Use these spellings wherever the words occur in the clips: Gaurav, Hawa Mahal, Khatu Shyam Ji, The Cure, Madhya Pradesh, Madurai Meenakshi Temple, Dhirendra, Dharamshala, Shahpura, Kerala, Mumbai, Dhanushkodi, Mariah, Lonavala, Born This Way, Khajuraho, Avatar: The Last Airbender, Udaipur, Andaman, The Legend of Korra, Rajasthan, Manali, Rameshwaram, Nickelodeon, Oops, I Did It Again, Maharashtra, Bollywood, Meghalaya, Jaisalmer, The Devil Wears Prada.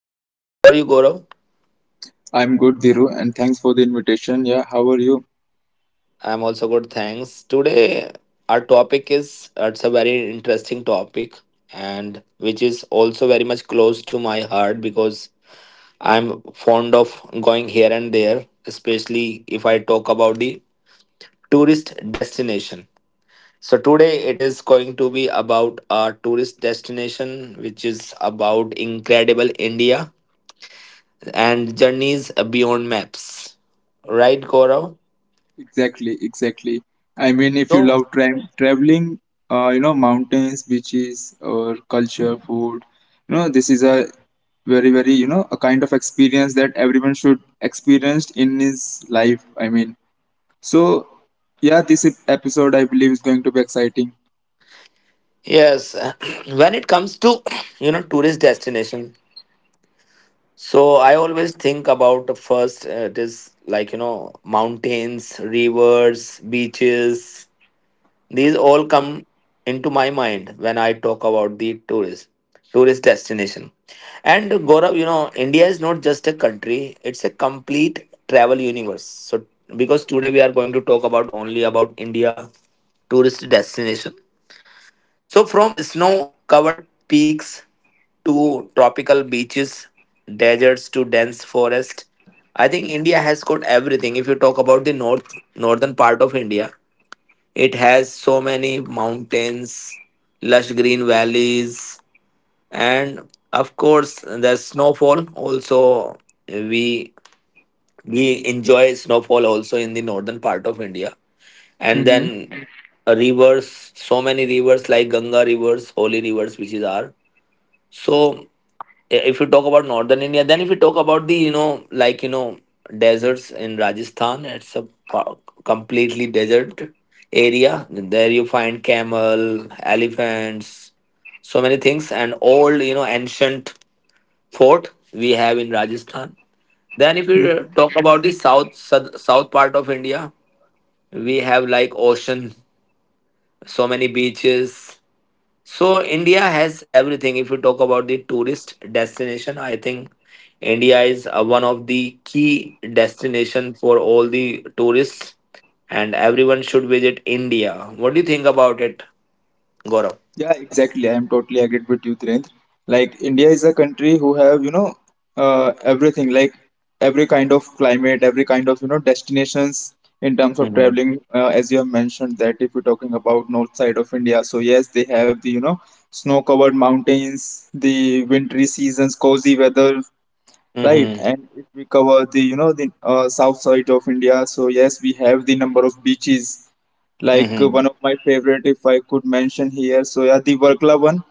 Gaurav. How are you, Gaurav? I'm good, Dhiru, and thanks for the invitation. Yeah, how are you? I'm also good, thanks. Today our topic is it's a very interesting topic and which is also very much close to my heart because I'm fond of going here and there, especially if I talk about the tourist destination. So today it is going to be about our tourist destination, which is about incredible India and journeys beyond maps. Right, Gaurav? Exactly, exactly. I mean, if you So love traveling, mountains, beaches, or culture, food, this is a very, very, a kind of experience that everyone should experience in his life. I mean, so yeah, this episode I believe is going to be exciting. yes, when it comes to you know, tourist destination, so I always think about the first, it is like you know mountains, rivers, beaches. These all come into my mind when I talk about the tourist destination. And Gaurav, you know, India is not just a country; it's a complete travel universe. So, because today we are going to talk about only about India tourist destination. So, from snow-covered peaks to tropical beaches, deserts to dense forest, I think India has got everything. If you talk about the northern part of India, it has so many mountains, lush green valleys, and of course the snowfall. Also, we we enjoy snowfall also in the northern part of India, and Mm-hmm. then rivers. So many rivers like Ganga rivers, holy rivers, which is our. So if you talk about northern India, then if you talk about the you know, like you know, deserts in Rajasthan, it's a pa- completely desert area. There you find camel, elephants, so many things, and old you know, ancient fort we have in Rajasthan. Then if you Mm-hmm. talk about the south part of India, we have like ocean, so many beaches. So India has everything. If you talk about the tourist destination, I think India is one of the key destination for all the tourists, and everyone should visit India. What do you think about it, Gaurav? Yeah, exactly. I am totally agreed with you, Dhirendra. Like, India is a country who have everything, like every kind of climate, every kind of destinations in terms of Mm-hmm. traveling. As you have mentioned, that if you're talking about north side of India, so yes, they have the snow-covered mountains, the wintry seasons, cozy weather. Right, Mm-hmm. and if we cover the south side of India, so yes, we have the number of beaches. Like, Mm-hmm. one of my favorite, if I could mention here, so yeah, the Varkla one,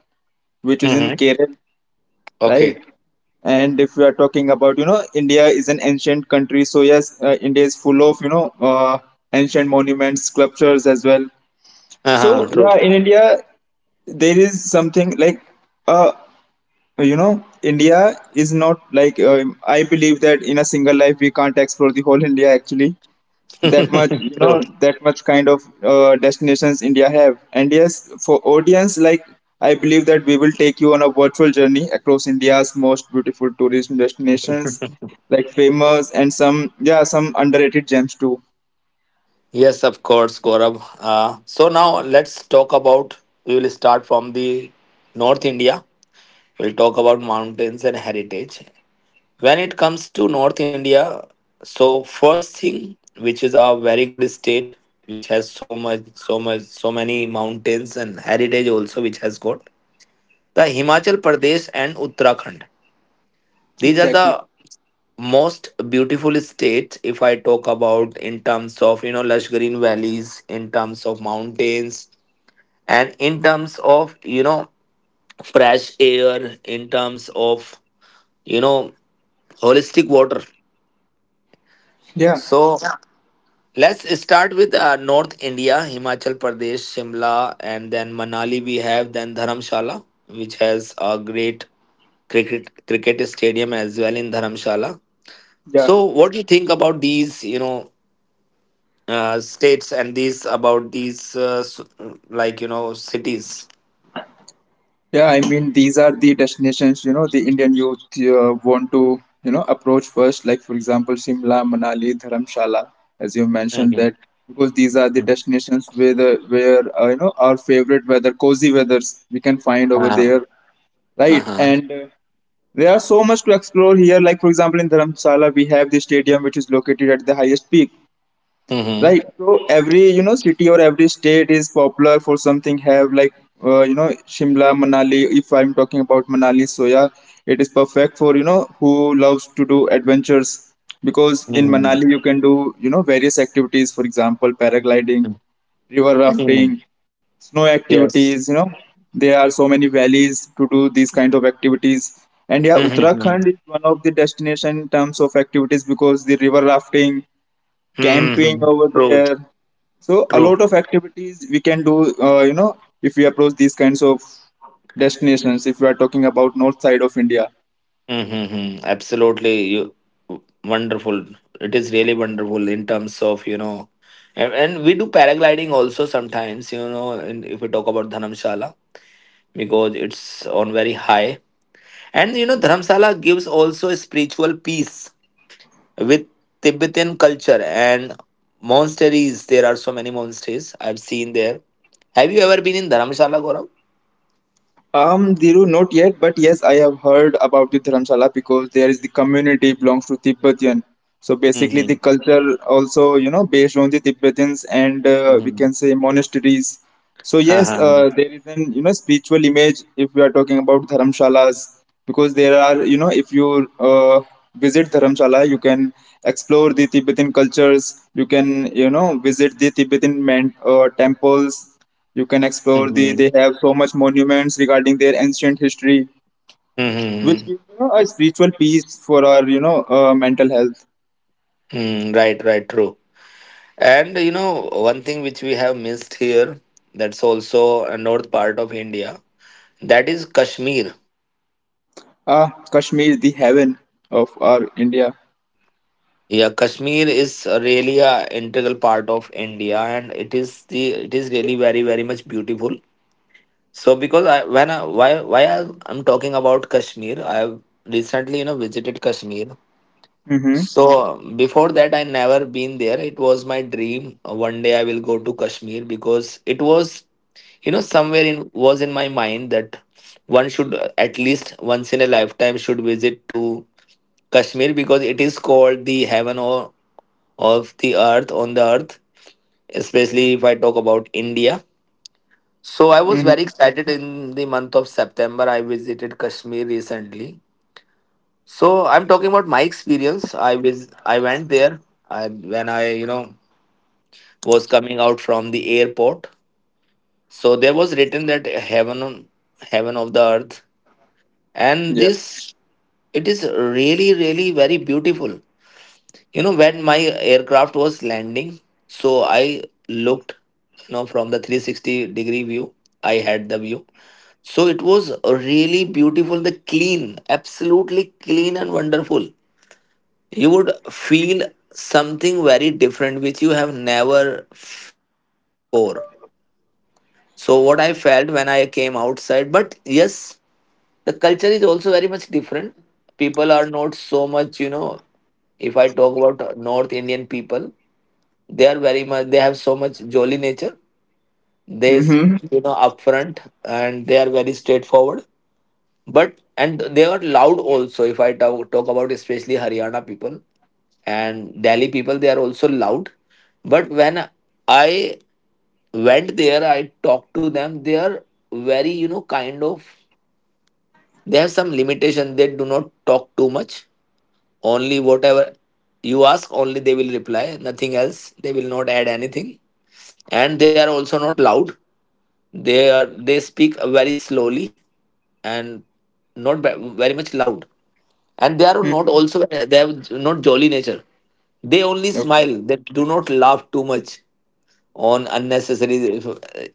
which is in Mm-hmm. Kerala, right? Okay. And if we are talking about, India is an ancient country, so yes, India is full of ancient monuments, sculptures as well. Uh-huh. So True. yeah, in India there is something like a, India is not like, I believe that in a single life we can't explore the whole India actually. That much, True. that much kind of, destinations India have. And yes, for audience, like, I believe that we will take you on a virtual journey across India's most beautiful tourism destinations, like famous and some, yeah, some underrated gems too. Yes, of course, Gaurav. So now let's talk about. We will start from the North India. We'll talk about mountains and heritage. When it comes to North India, so first thing, which is a very good state, which has so much, so much, so many mountains and heritage also, which has got the Himachal Pradesh and Uttarakhand. These are Exactly. the most beautiful states. If I talk about in terms of you know, lush green valleys, in terms of mountains, and in terms of you know, fresh air, in terms of you know, holistic water. Yeah, So yeah. Let's start with North India, Himachal Pradesh, Shimla, and then Manali. We have then Dharamshala, which has a great cricket stadium as well in Dharamshala. yeah. So, what do you think about these, you know, states and these about these like you know, cities? Yeah, I mean, these are the destinations, the Indian youth want to, approach first, like, for example, Simla, Manali, Dharamshala, as you mentioned Mm-hmm. that, because these are the destinations where, our favorite weather, cozy weathers we can find over Uh, there, right? huh And, there are so much to explore here. Like, for example, in Dharamshala, we have the stadium, which is located at the highest peak. mm-hmm. Right. So every city or every state is popular for something. Have like, Shimla, Manali. If I'm talking about Manali, so yeah, it is perfect for, who loves to do adventures, because in Hmm. Manali you can do, various activities. For example, paragliding, river rafting, snow activities. Yes. You know, there are so many valleys to do these kind of activities. And yeah, Hmm. Uttarakhand is one of the destination in terms of activities because the river rafting, camping Hmm. over True. there. So a True. lot of activities we can do, if we approach these kinds of destinations. If we are talking about north side of India, Mm-hmm. Absolutely, you wonderful. It is really wonderful in terms of you know, and we do paragliding also sometimes. You know, and if we talk about Dharamshala because it's on very high, and you know, Dharamshala gives also a spiritual peace with Tibetan culture and monasteries. There are so many monasteries I've seen there. Have you ever been in Dharamshala, Gaurav? Diru, not yet, but yes, I have heard about the Dharamsala because there is the community belongs to Tibetan. So basically, the Mm-hmm. culture also, you know, based on the Tibetans and, we Mm-hmm. can say monasteries. So yes, Uh-huh. There is an, spiritual image if we are talking about Dharamshalas, because there are, if you, visit Dharamshala, you can explore the Tibetan cultures. You can, visit the Tibetan man, temples, you can explore the. Mm-hmm. They have so much monuments regarding their ancient history, which Mm-hmm. give, a spiritual peace for our, mental health. Mm, right, right, true. And you know, one thing which we have missed here, that's also a north part of India. Ah, Kashmir, the heaven of our India. Yeah, Kashmir is really a integral part of India, and it is really very very much beautiful. So because I when I why I'm talking about Kashmir, I have recently you know, visited Kashmir. Mm-hmm. So before that, I never been there. It was my dream. One day I will go to Kashmir because it was you know, somewhere in was in my mind that one should at least once in a lifetime should visit to Kashmir because it is called the heaven or of the earth on the earth, especially if I talk about India. So I was very Mm-hmm. excited in the month of September. I visited Kashmir recently. So I'm talking about my experience. I went there, and when I you know, was coming out from the airport. So there was written that heaven of the earth, and Yeah. this, it is really really very beautiful. You know, when my aircraft was landing, so I looked, you know, from the 360-degree view, I had the view. So it was really beautiful, the clean, absolutely clean and wonderful. You would feel something very different which you have never felt before. So what I felt when I came outside, but yes, the culture is also very much different. People are not so much you know, if I talk about north Indian people, they are very much, they have so much jolly nature. they s- Mm-hmm. you know, upfront, and they are very straightforward, but and they are loud also. If I talk about especially Haryana people and Delhi people, they are also loud. But when I went there, I talked to them. They are very you know, kind of, they have some limitation. They do not talk too much. Only whatever you ask, only they will reply, nothing else. They will not add anything. And they are also not loud. They are, they speak very slowly, and not ve- very much loud. And they are not Mm-hmm. also, they have not jolly nature. They only Okay. smile, they do not laugh too much on unnecessary.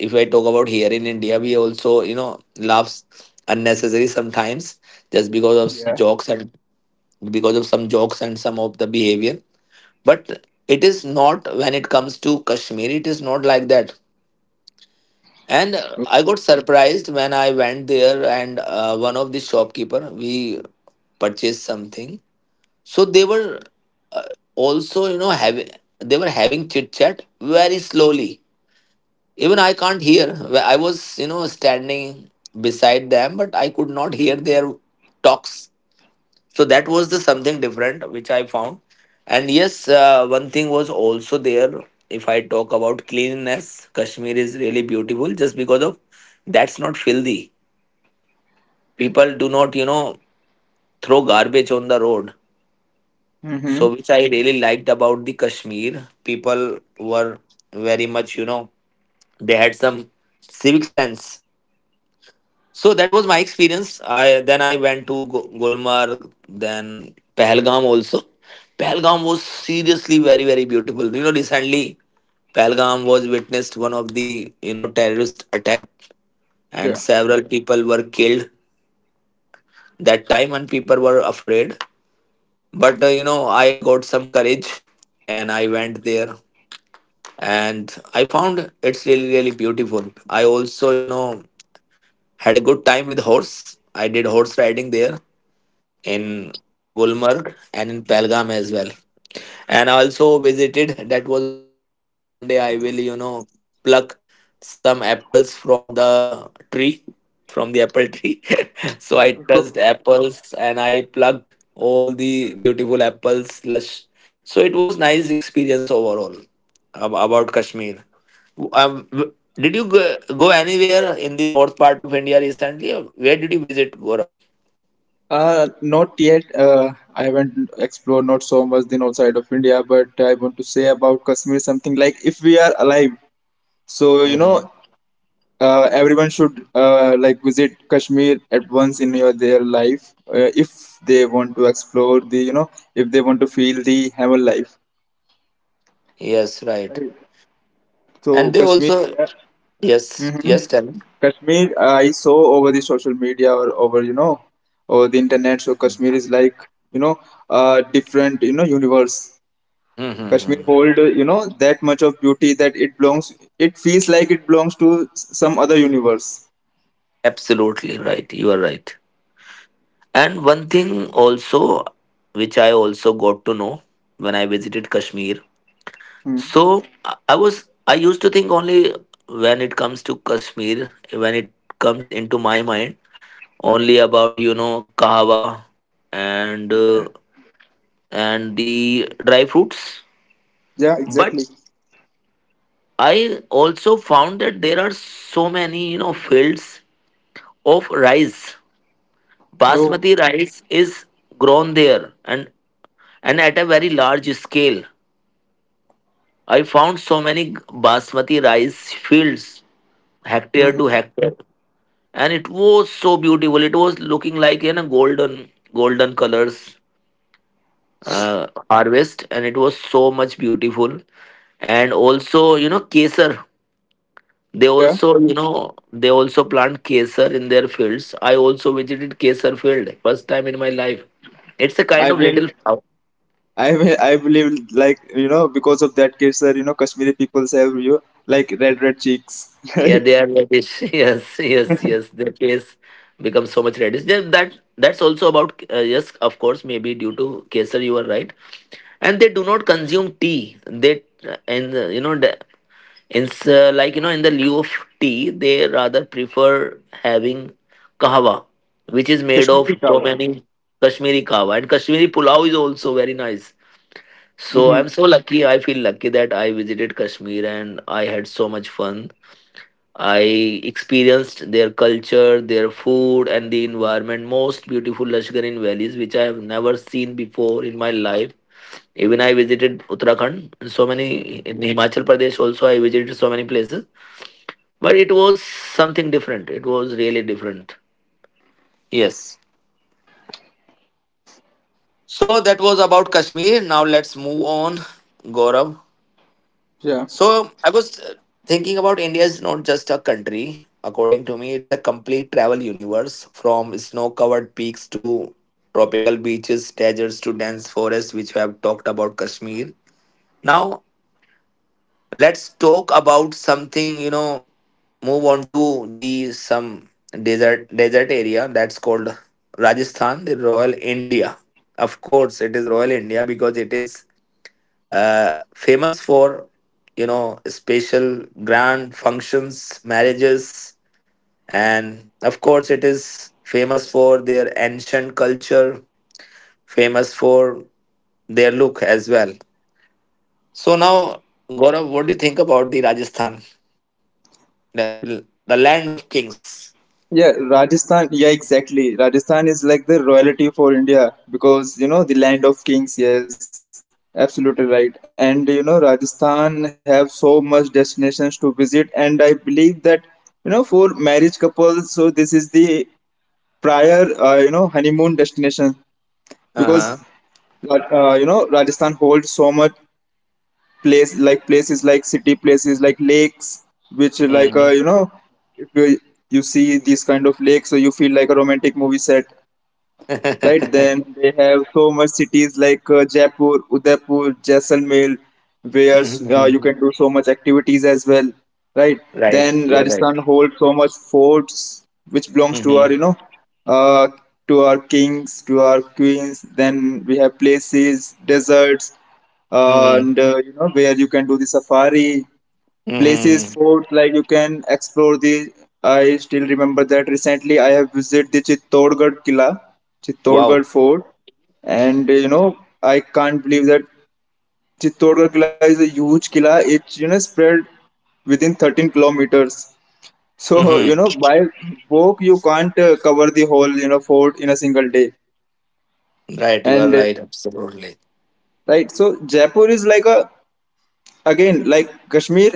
If I talk about here in India, we also you know, laughs unnecessary sometimes, just because of Yeah. jokes and because of some jokes and some of the behavior. But it is not, when it comes to Kashmir, it is not like that. And I got surprised when I went there, and one of the shopkeeper we purchased something. So they were also, you know, having, they were having chit chat very slowly. Even I can't hear. I was, you know, standing beside them, but I could not hear their talks. So that was the something different which I found. And yes, one thing was also there. If I talk about cleanliness, Kashmir is really beautiful just because of that's not filthy. People do not you know, throw garbage on the road. So Mm-hmm. which I really liked about the Kashmir. People were very much you know, they had some civic sense. So that was my experience. I then I went to Gulmarg, then Pahalgam also. Pahalgam was seriously very very beautiful. You know, recently Pahalgam was witnessed one of the you know, terrorist attack, Yeah. and several people were killed that time, and people were afraid. But you know, I got some courage and I went there, and I found it's really, really beautiful. I also, you know, had a good time with horse. I did horse riding there in Gulmarg and in Pelgam as well, and I also visited. That was also my dream. One day I will, you know, pluck some apples from the tree, from the apple tree. So I touched So, apples and I plucked all the beautiful apples, lush. So it was nice experience overall about Kashmir. Did you go anywhere in the north part of India recently? Where did you visit, Gaurav? Not yet. I haven't explored not so much the north side of India, but I want to say about Kashmir something like, if we are alive. So, Hmm. Everyone should, like, visit Kashmir at once in their life, if they want to explore the, if they want to feel the heaven life. Yes, right. So And they Kashmir, also, yes, yeah. Hmm. yes, tell me. Kashmir I saw over the social media or over, over the internet. So Kashmir is like, different, universe. Kashmir Mm-hmm. hold, that much of beauty that it belongs, it feels like it belongs to some other universe. Absolutely right. You are right. And one thing also, which I also got to know when I visited Kashmir. Hmm. So I was, I used to think only when it comes to Kashmir, when it comes into my mind, only about, you know, kahwa and, uh, and the dry fruits. Yeah, But exactly. I also found that there are so many, you know, fields of rice. Oh. Basmati rice is grown there, and at a very large scale. I found so many basmati rice fields, hectare to Hmm. hectare, and it was so beautiful. It was looking like in a golden colors, harvest, and it was so much beautiful. And also, you know, kesar. They Yeah. also, you know, they also plant kesar in their fields. I also visited kesar field first time in my life. It's a kind I've of been, little flower. I've lived like, because of that case, sir. You know, Kashmiri people have you like red, red cheeks, Yeah, right? they are reddish. Yes, yes, yes. Their face becomes so much reddish. Then that's also about yes, of course, maybe due to Kesar, you are right. And they do not consume tea. They and you know the-, in like you know, in the lieu of tea, they rather prefer having kahwa, which is made of Kashmiri so kawa. many Kashmiri kahwa, and Kashmiri pulao is also very nice. So Hmm. I'm so lucky. I feel lucky that I visited Kashmir and I had so much fun. I experienced their culture, their food, and the environment. Most beautiful Lashkarin valleys, which I have never seen before in my life. Even I visited Uttarakhand, and so many in Himachal Pradesh. Also, I visited so many places, but it was something different. It was really different. Yes. So that was about Kashmir. Now let's move on, Gaurav. Yeah. So I was thinking about India is not just a country. According to me, it's a complete travel universe from snow covered peaks to tropical beaches, deserts to dense forests, which we have talked about Kashmir. Now, let's talk about something, move on to the some desert area that's called Rajasthan, the Royal India. Of course, it is Royal India because it is famous for special grand functions, marriages, and of course it is famous for their ancient culture, famous for their look as well. So now, Gaurav, what do you think about the Rajasthan, the, the land of kings? Yeah, Rajasthan. Yeah, exactly. Rajasthan is like the royalty for India, because, the land of kings. Yes, absolutely right. And, Rajasthan have so much destinations to visit, and I believe that, for marriage couples, so this is the prior, honeymoon destination, because. Uh-huh. But, Rajasthan holds so much places like city, places like lakes, which are like, Hmm. If you see these kind of lakes, so you feel like a romantic movie set, right. Then they have so much cities like, Jaipur, Udaipur, Jaisalmer, where, you Hmm. can do so much activities as well, right. Right, Then you are right. Rajasthan holds so much forts, which belongs to our, Hmm. Uh, to our kings, to our queens. Then we have places, deserts, uh, Hmm. and uh, you know where you can do the safari places, Hmm. fort, like, you can explore the. I still remember that recently I have visited the Chittorgarh Killa, Wow. Chittorgarh fort. And, I can't believe that Chittorgarh Killa is a huge killa. It's, spread within 13 kilometers. So, Hmm. By walk you can't, cover the whole, fort in a single day. Right, you are And, right, absolutely. right. So Jaipur is like a, again like Kashmir.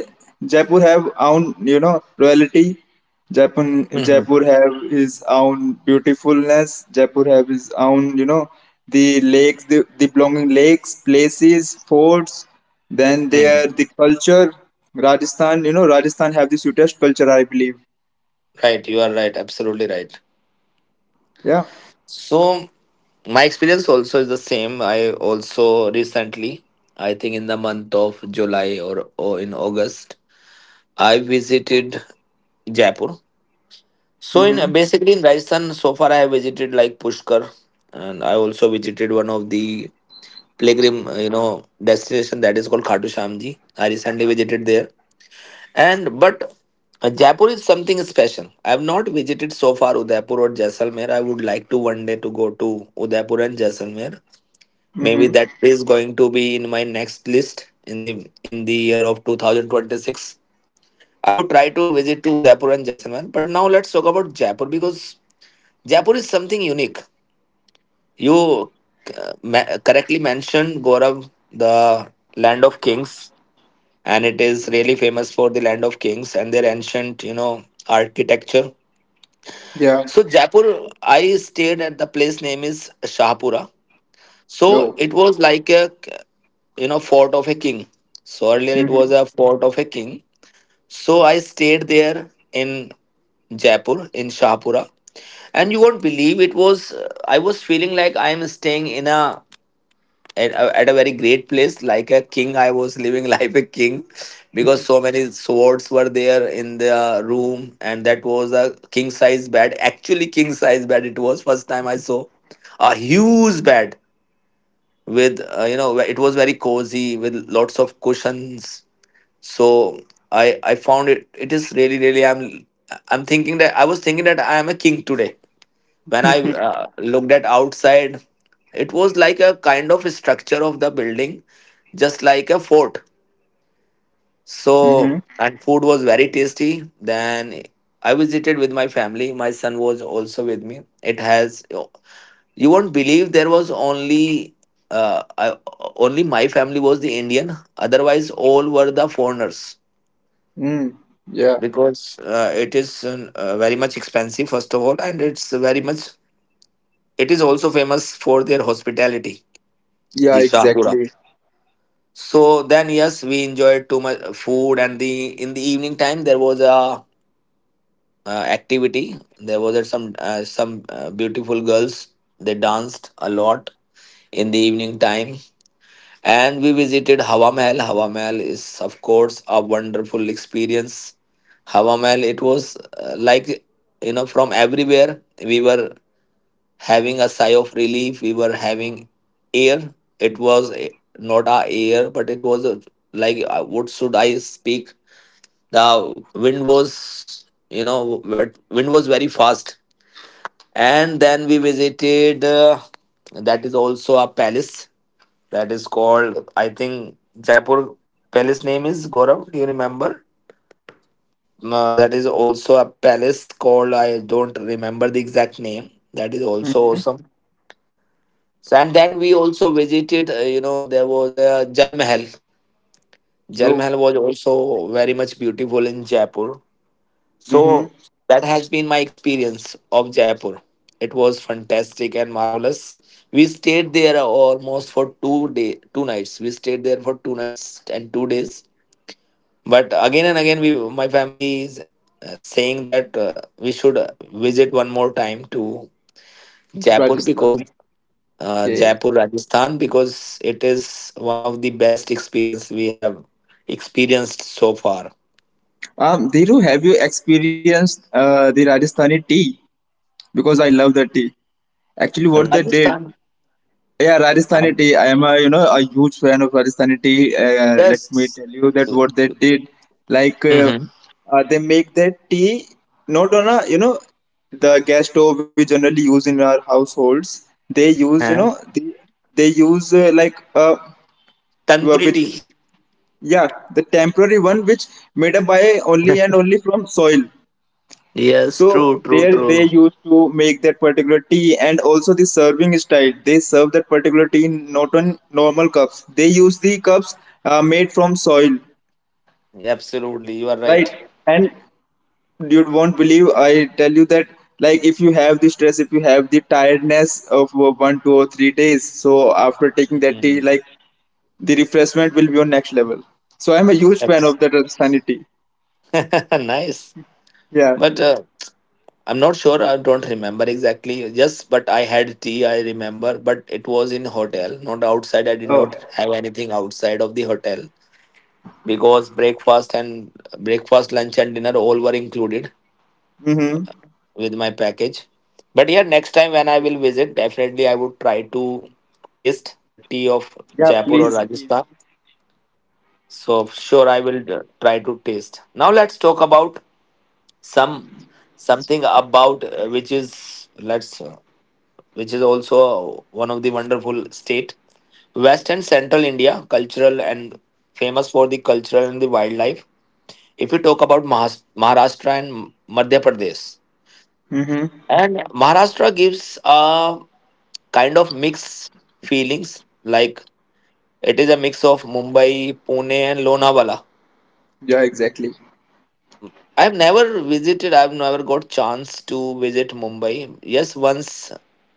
Jaipur have own, royalty. jaipur Mm-hmm. jaipur have his own beautifulness. Jaipur have his own, the lakes, the belonging lakes, places, forts. Then there Mhm. the culture. Rajasthan, Rajasthan have the sweetest culture, I believe. Right, you are right, absolutely right. Yeah. So my experience also is the same. I also recently, I think in the month of July, or in August, I visited Jaipur. So in Mm-hmm. basically in Rajasthan, so far I have visited like Pushkar, and I also visited one of the pilgrim, destination that is called Khatu Shyam Ji. I recently visited there. And but Jaipur is something special. I have not visited so far Udaipur or Jaisalmer. I would like to one day to go to Udaipur and Jaisalmer. Maybe Mm-hmm. that is going to be in my next list in the year of 2026. I would try to visit to Udaipur and Jaisalmer. But now let's talk about Jaipur because Jaipur is something unique. You correctly mentioned, Gaurav, the land of kings, and it is really famous for the land of kings and their ancient architecture. Yeah. So Jaipur, I stayed at the place name is Shahpura. So Oh. it was like a, fort of a king. So earlier it was a Mm-hmm. fort of a king. So I stayed there in Jaipur, in Shahpura, and you won't believe it was, I was feeling like I am staying in a at a, at a very great place like a king. I was living like a king because so many swords were there in the room, and that was a king size bed, actually king size bed. It was first time I saw a huge bed with it was very cozy with lots of cushions. So I found it, it is really, really, I was thinking that I am a king today. When I looked at outside, it was like a kind of structure of the building, just like a fort. Mm-hmm. So, and food was very tasty. Then I visited with my family, my son was also with me. It has, you won't believe, there was only uh, I, only my family was the Indian, otherwise all were the foreigners. Mm. Yeah. Because it is very much expensive first of all, and it's very much it is also famous for their hospitality. The Yeah, Shahpura. exactly. So then, yes, we enjoyed too much food, and the in the evening time there was a activity. There was a, some beautiful girls. They danced a lot in the evening time, and we visited Hawa Mahal. Hawa Mahal is, of course, a wonderful experience. Hawa Mahal. It was like, from everywhere we were having a sigh of relief. We were having air. It was not our air, but it was a, like, what should I speak? The wind was, wind was very fast. And then we visited. That is also a palace, that is called, I think Jaipur palace, name is, Gaurav. Do you remember? No, that is also a palace called. I don't remember the exact name. That is also Mm-hmm. awesome. So, and then we also visited, there was a Jal Mahal. Jal Oh. Mahal was also very much beautiful in Jaipur. Mm-hmm. So that has been my experience of Jaipur. It was fantastic and marvelous. We stayed there almost for 2 day, two nights. We stayed there for two nights and 2 days. But again and again, my family is saying that we should visit one more time to Jaipur Rajasthan. because Okay. Jaipur, Rajasthan, because it is one of the best experience we have experienced so far. Dhiru, have you experienced, the Rajasthani tea? Because I love the tea. Actually, what they did, Rajasthan, yeah, Rajasthani um, tea. I am a, a huge fan of Rajasthani tea. Let me yes. tell you that what they did, like, Mm-hmm. They make that tea not on a, the gas stove we generally use in our households. They use you Uh-huh. know the, they use uh, like, Tandoori which, tea. yeah, the temporary one which made up by only and only from soil. Yes, So true, true, there they true. used to make that particular tea, and also the serving style. They serve that particular tea in not on normal cups. They use the cups, made from soil, Absolutely, you are right. right? And you won't believe, I tell you that, like, if you have the stress, if you have the tiredness of, 1, 2 or 3 days, so after taking that tea, Mm. like, the refreshment will be on next level. So I'm a huge fan Abs- of that Rajasthani tea. Nice, Yeah. but I'm not sure. I don't remember exactly. Yes, but I had tea, I remember, but it was in hotel, not outside. I did Oh. not have anything outside of the hotel, because breakfast, lunch, and dinner all were included Mm-hmm. with my package. But yeah, next time when I will visit, definitely I would try to taste the tea of Yeah, Jaipur or please. Rajasthan. So sure, I will try to taste. Now let's talk about some something about, let's uh, which is also one of the wonderful state, west and central India, cultural, and famous for the cultural and the wildlife. If you talk about Maharashtra and Madhya Pradesh, Mm-hmm. and Maharashtra gives a kind of mixed feelings, like it is a mix of Mumbai, Pune, and Lonavala. Yeah, exactly. I've never visited. I've never got chance to visit Mumbai. Yes, once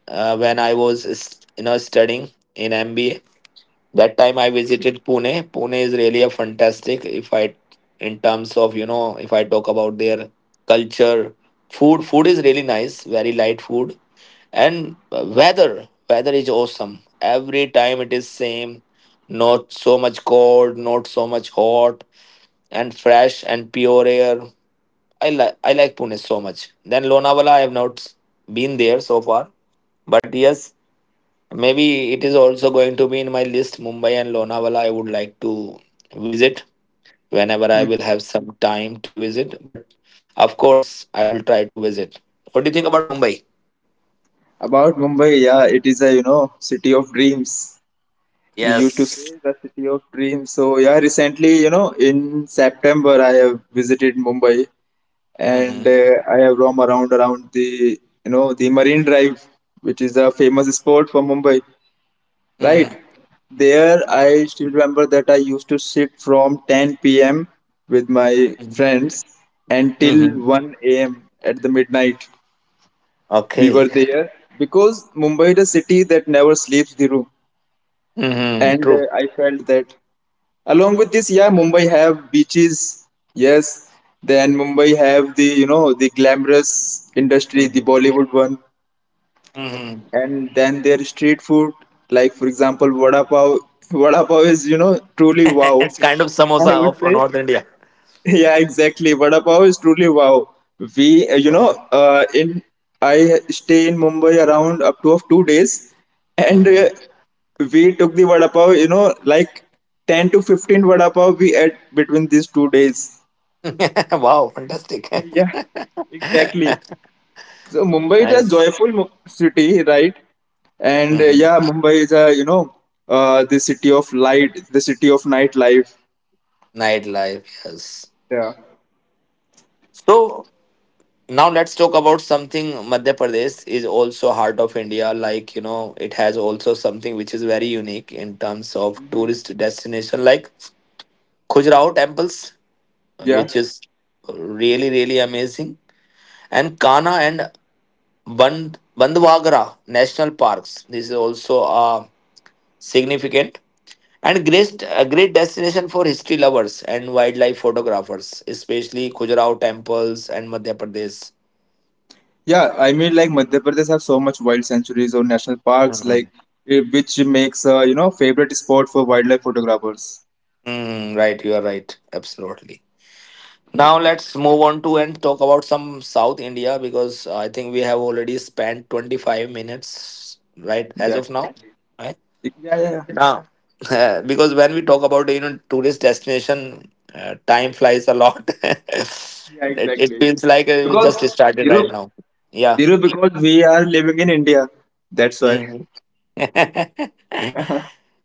when I was studying in MBA. That time I visited Pune. Pune is really a fantastic, if I in terms of, if I talk about their culture, food is really nice, very light food. And weather is awesome. Every time it is same, not so much cold, not so much hot, and fresh and pure air. I like Pune so much. Then Lonavala, I have not been there so far, but yes, maybe it is also going to be in my list. Mumbai and Lonavala, I would like to visit whenever I will have some time to visit. But of course, I will try to visit. What do you think about Mumbai? About Mumbai, yeah, it is a, city of dreams. We used to say Yes. the city of dreams. So yeah, recently, in September, I have visited Mumbai, and, Mm-hmm. I have roam around the, Marine Drive, which is a famous spot for Mumbai, right? Mm-hmm. There, I still remember that I used to sit from 10 p.m. with my friends until Mm-hmm. 1 a.m. at the midnight. We Okay. were there because Mumbai is a city that never sleeps, Dhiru. Mm-hmm. And, True. I felt that along with this, yeah, Mumbai have beaches, yes. Then Mumbai have the, glamorous industry, the Mm-hmm. Bollywood one, Mm-hmm. and then their street food, like for example, vada pav. Vada pav is, truly wow. It's kind of samosa I would of say. North India. Yeah, exactly. Vada pav is truly wow. We, you know, Wow. In I stay in Mumbai around up to of 2 days, and, Mm-hmm. We took the vada pav. You know, like, 10 to 15 vada pav we ate between these 2 days. Wow. Fantastic. Yeah, exactly. So Mumbai is a Nice. joyful city, right? And, Mm-hmm. yeah, Mumbai is a you know the city of light, the city of nightlife. Nightlife. Yes. Yeah, So now let's talk about something. Madhya Pradesh is also heart of India, like, it has also something which is very unique in terms of tourist destination, like Khajuraho temples, yeah. which is really, really amazing, and Kana and Bandwagara national parks. This is also significant and great a great destination for history lovers and wildlife photographers, especially Khajuraho temples and Madhya Pradesh. Yeah, I mean, like Madhya Pradesh have so much wild sanctuaries or national parks, like, which makes, favorite spot for wildlife photographers. Mm, right, you are right. Absolutely. Now let's move on to and talk about some South India, because I think we have already spent 25 minutes, right, as Yeah, of exactly. now. Right? Yeah, yeah, yeah. Now, because when we talk about, tourist destination, time flies a lot. it, Yeah, it exactly. feels like we Because just started Dhiru, right now. Yeah. Dhiru, because we are living in India, that's why. Hmm.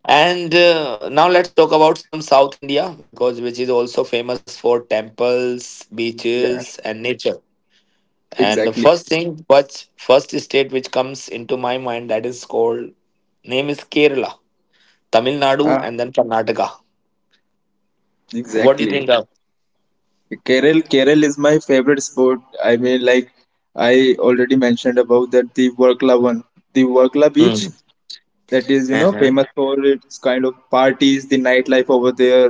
And now let's talk about some South India, because which is also famous for temples, Yeah, beaches, and nature. And the exactly. first thing, which first state which comes into my mind, that is called, name is Kerala, Tamil Ah, Nadu, and then Karnataka. What do you exactly. think of? Kerala is my favorite sport. I mean, like, I already mentioned about that, the Workla one, the Workla beach. Hmm. That is, famous for its kind of parties, the nightlife over there.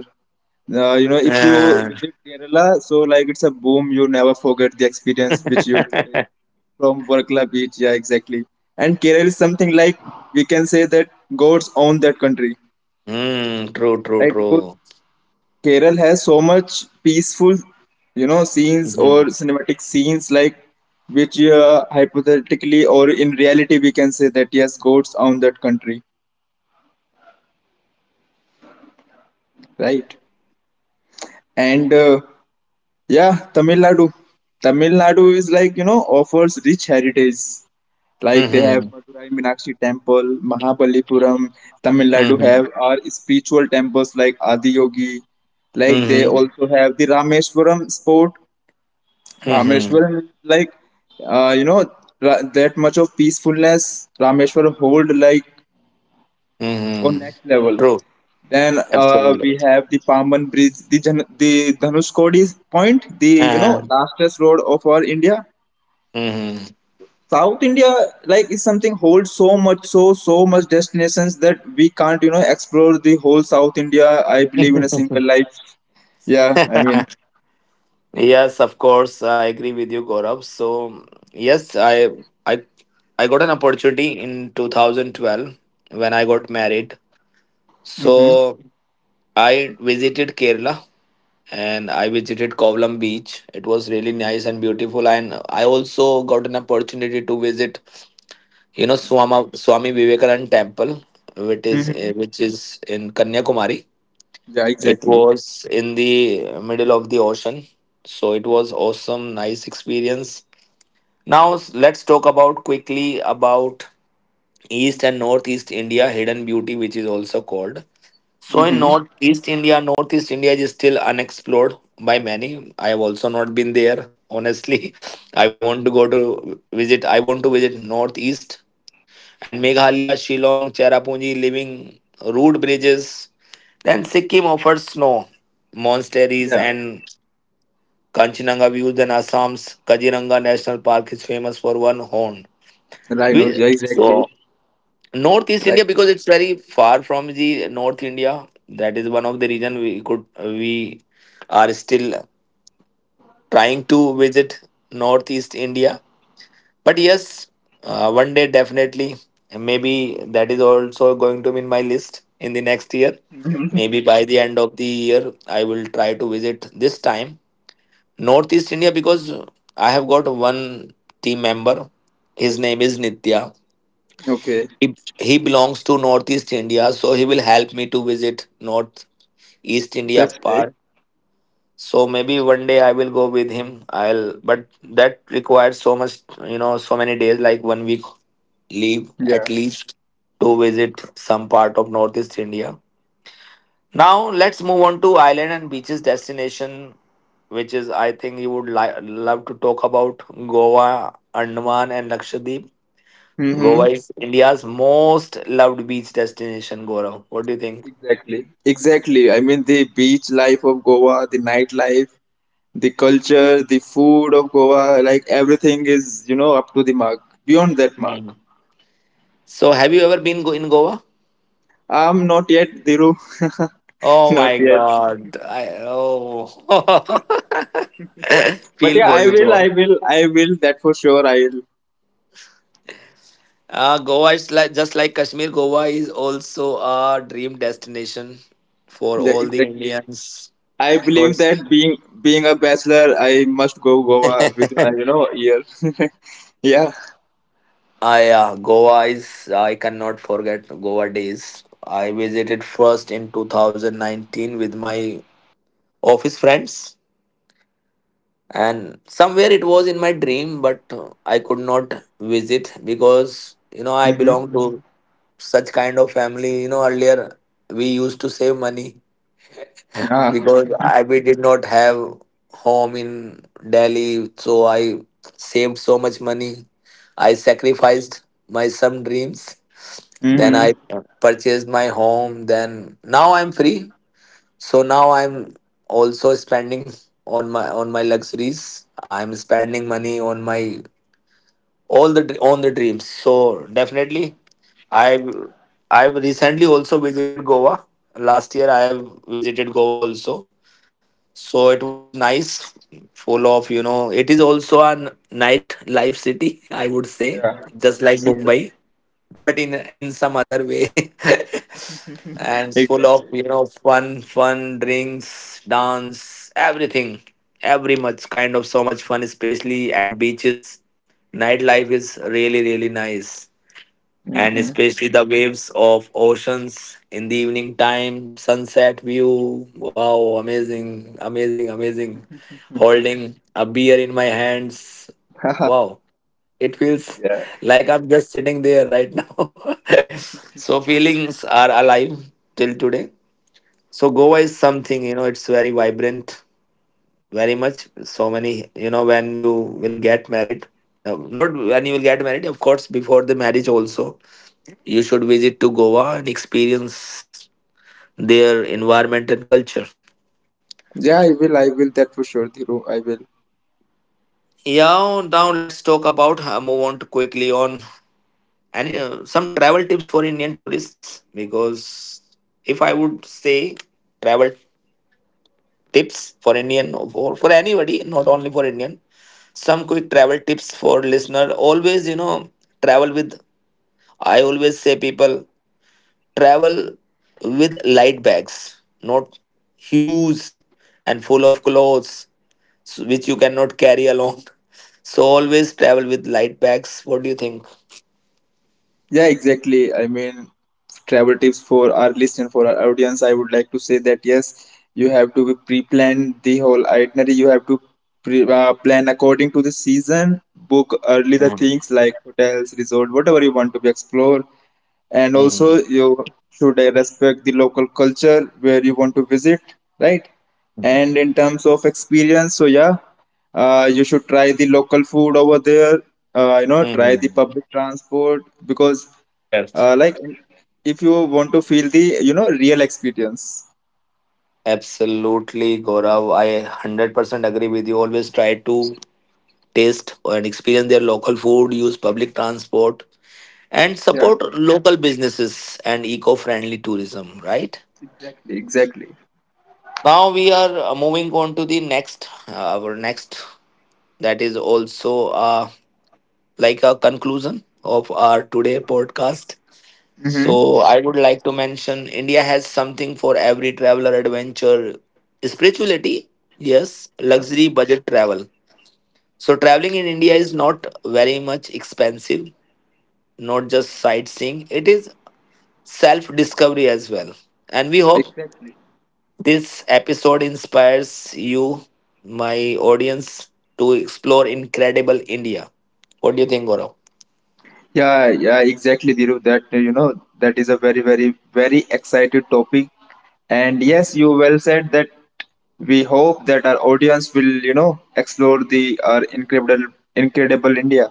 If you Hmm. visit Kerala, so like, it's a boom. You never forget the experience which you will take from Varkala beach. Yeah, exactly. And Kerala is something like, we can say that god's own that country, Hmm. True, true, right? Because true. Kerala has so much peaceful, scenes or cinematic scenes, like, which, hypothetically or in reality we can say that, yes, god's own that country, right? And, yeah, Tamil Nadu. Tamil Nadu is like, offers rich heritage. Like, they Mm-hmm. have Madurai Meenakshi Temple, Mahabalipuram. Tamil Nadu Mm-hmm. have our spiritual temples like Adiyogi. Like, they Mm-hmm. also have the Rameshwaram sport. Mm-hmm. Rameshwaram is like, uh, you know, that much of peacefulness. Rameshwaram hold like on Mm-hmm. next level. True. Then, Absolutely. We have the Paman Bridge, the the Dhanushkodi point, the, Uh-huh. lastest road of our India. Mm-hmm. South India like is something, holds so much, so much destinations that we can't, explore the whole South India. I believe, in a single life. Yeah, I mean. Yes, of course. I agree with you, Gaurav. So yes, I I got an opportunity in 2012 when I got married. Hmm. So I visited Kerala, and I visited Kovalam Beach. It was really nice and beautiful, and I also got an opportunity to visit, Swami Vivekanand Temple, Hmm. which is in Kanyakumari. Yeah, It exactly. was in the middle of the ocean, so it was awesome, nice experience. Now let's talk about quickly about East and Northeast India hidden beauty, which is also called. So in Hmm. Northeast India, Northeast India is still unexplored by many. I have also not been there. Honestly, I want to go to visit. I want to visit Northeast, and Meghalaya, Shillong, Cherrapunji living rude bridges. Then Sikkim offers snow, monasteries, Yeah, and Kanchenjunga views. Then Assam's Kaziranga National Park is famous for one horn. rhinos. We Yeah, exactly. Northeast India, Right. because Right. it's very far from the North India. That is one of the reason we are still trying to visit Northeast India. But yes, one day definitely. Maybe that is also going to be in my list in the next year. Maybe by the end of the year, I will try to visit this time Northeast India, because I have got one team member. His name is Nitya. Okay, He belongs to Northeast India, so he will help me to visit north east that's India great. part. So maybe one day I will go with him. I'll but that requires so much, you know, so many days, like 1 week leave Yeah. at least, to visit some part of northeast india. Now let's move on to island and beaches destination, which is, I think, you would love to talk about: Goa, Andaman, and Lakshadweep. Mm-hmm. Goa is India's most loved beach destination. Gaurav, what do you think? Exactly. Exactly. I mean, the beach life of Goa, the nightlife, the culture, the food of Goa, like everything is, you know, up to the mark, beyond that mark. Hmm. So have you ever been in Goa? I'm not yet, Dhiru. Oh Not my yet. God. I But feel yeah, for I you, will, Goa. I will, I will, that for sure. I will. Goa is like just like Kashmir. Goa is also a dream destination for Yeah, all the exactly. Indians I believe because that being a bachelor, I must go Goa within, I a, year. Yeah. Goa is, I cannot forget Goa days. I visited first in 2019 with my office friends, and somewhere it was in my dream, but I could not visit because, you know, I Mm-hmm. belong to such kind of family. You know, earlier we used to save money Yeah. because we did not have home in Delhi, so I saved so much money. I sacrificed my some dreams, then Mm-hmm. I purchased my home, then now I'm free. So now I'm also spending on my luxuries. I'm spending money on my on the dreams. So definitely i've I've recently also visited Goa. Last year I have visited Goa also. So it was nice, full of, you know, it is also a night life city, I would say, Yeah. just like Yes. Mumbai, but in some other way. and it's full of, Exactly. you know, fun, fun drinks, dance, everything, every much kind of so much fun, especially at beaches. Nightlife is really nice, and Mm-hmm. especially the waves of oceans in the evening time, sunset view. Wow, amazing, amazing, amazing. Holding a beer in my hands. Haha. Wow, it feels like I'm just sitting there right now. so feelings are alive till today. So Goa is something, you know, it's very vibrant, very much. So many, you know, when you will get married, not when you will get married, of course, before the marriage also, you should visit to Goa and experience their environment and culture. Yeah, I will. I will. That for sure, Dhiru. I will. Yeah, now let's talk about move on to quickly on and some travel tips for Indian tourists. Because if I would say travel tips for Indian or for anybody, not only for Indian, some quick travel tips for listener: always, you know, travel with, I always say people, travel with light bags, not huge and full of clothes, which you cannot carry along. so always travel with light bags. What do you think? Yeah, exactly. I mean, travel tips for our listener, for our audience. I would like to say that yes, you have to be pre-plan the whole itinerary. You have to plan according to the season. Book early the things like hotels, resort, whatever you want to be explore. And also Mm-hmm. you should respect the local culture where you want to visit, right? And in terms of experience, so yeah, you should try the local food over there. Try the Hmm. public transport, because, Yes. Like, if you want to feel the, real experience. Absolutely, Gaurav, I 100% agree with you. Always try to taste and experience their local food, use public transport, and Yeah, support local businesses and eco-friendly tourism, right? exactly. Exactly. Now we are moving on to the next, our next, that is also like a conclusion of our today podcast. So I would like to mention, India has something for every traveler: adventure, spirituality, yes, Hmm. luxury, budget travel. So traveling in India is not very much expensive. Not just sightseeing, it is self discovery as well. And we hope this episode inspires you, my audience, to explore incredible India. What do you think, Gaurav? Yeah, yeah, exactly, Dhiru. That is a very, very, very excited topic. And yes, you well said that we hope that our audience will, you know, explore the our incredible, incredible India.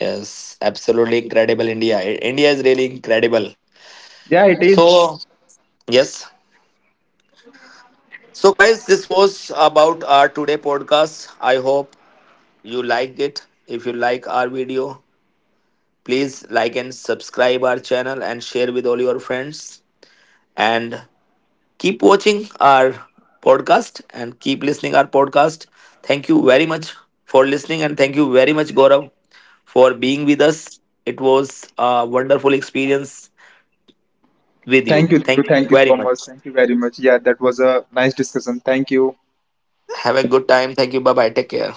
Yes, absolutely incredible India. India is really incredible. Yeah, it So, is. yes. So, guys, this was about our today podcast. I hope you liked it. If you like our video, please like and subscribe our channel and share with all your friends. And keep watching our podcast and keep listening our podcast. Thank you very much for listening, and thank you very much, Gaurav, for being with us. It was a wonderful experience with Thank you. you, Dhiru. Thank you Thank you very so much. much. Thank you very much. Yeah, that was a nice discussion. Thank you. Have a good time. Thank you. Bye bye. Take care.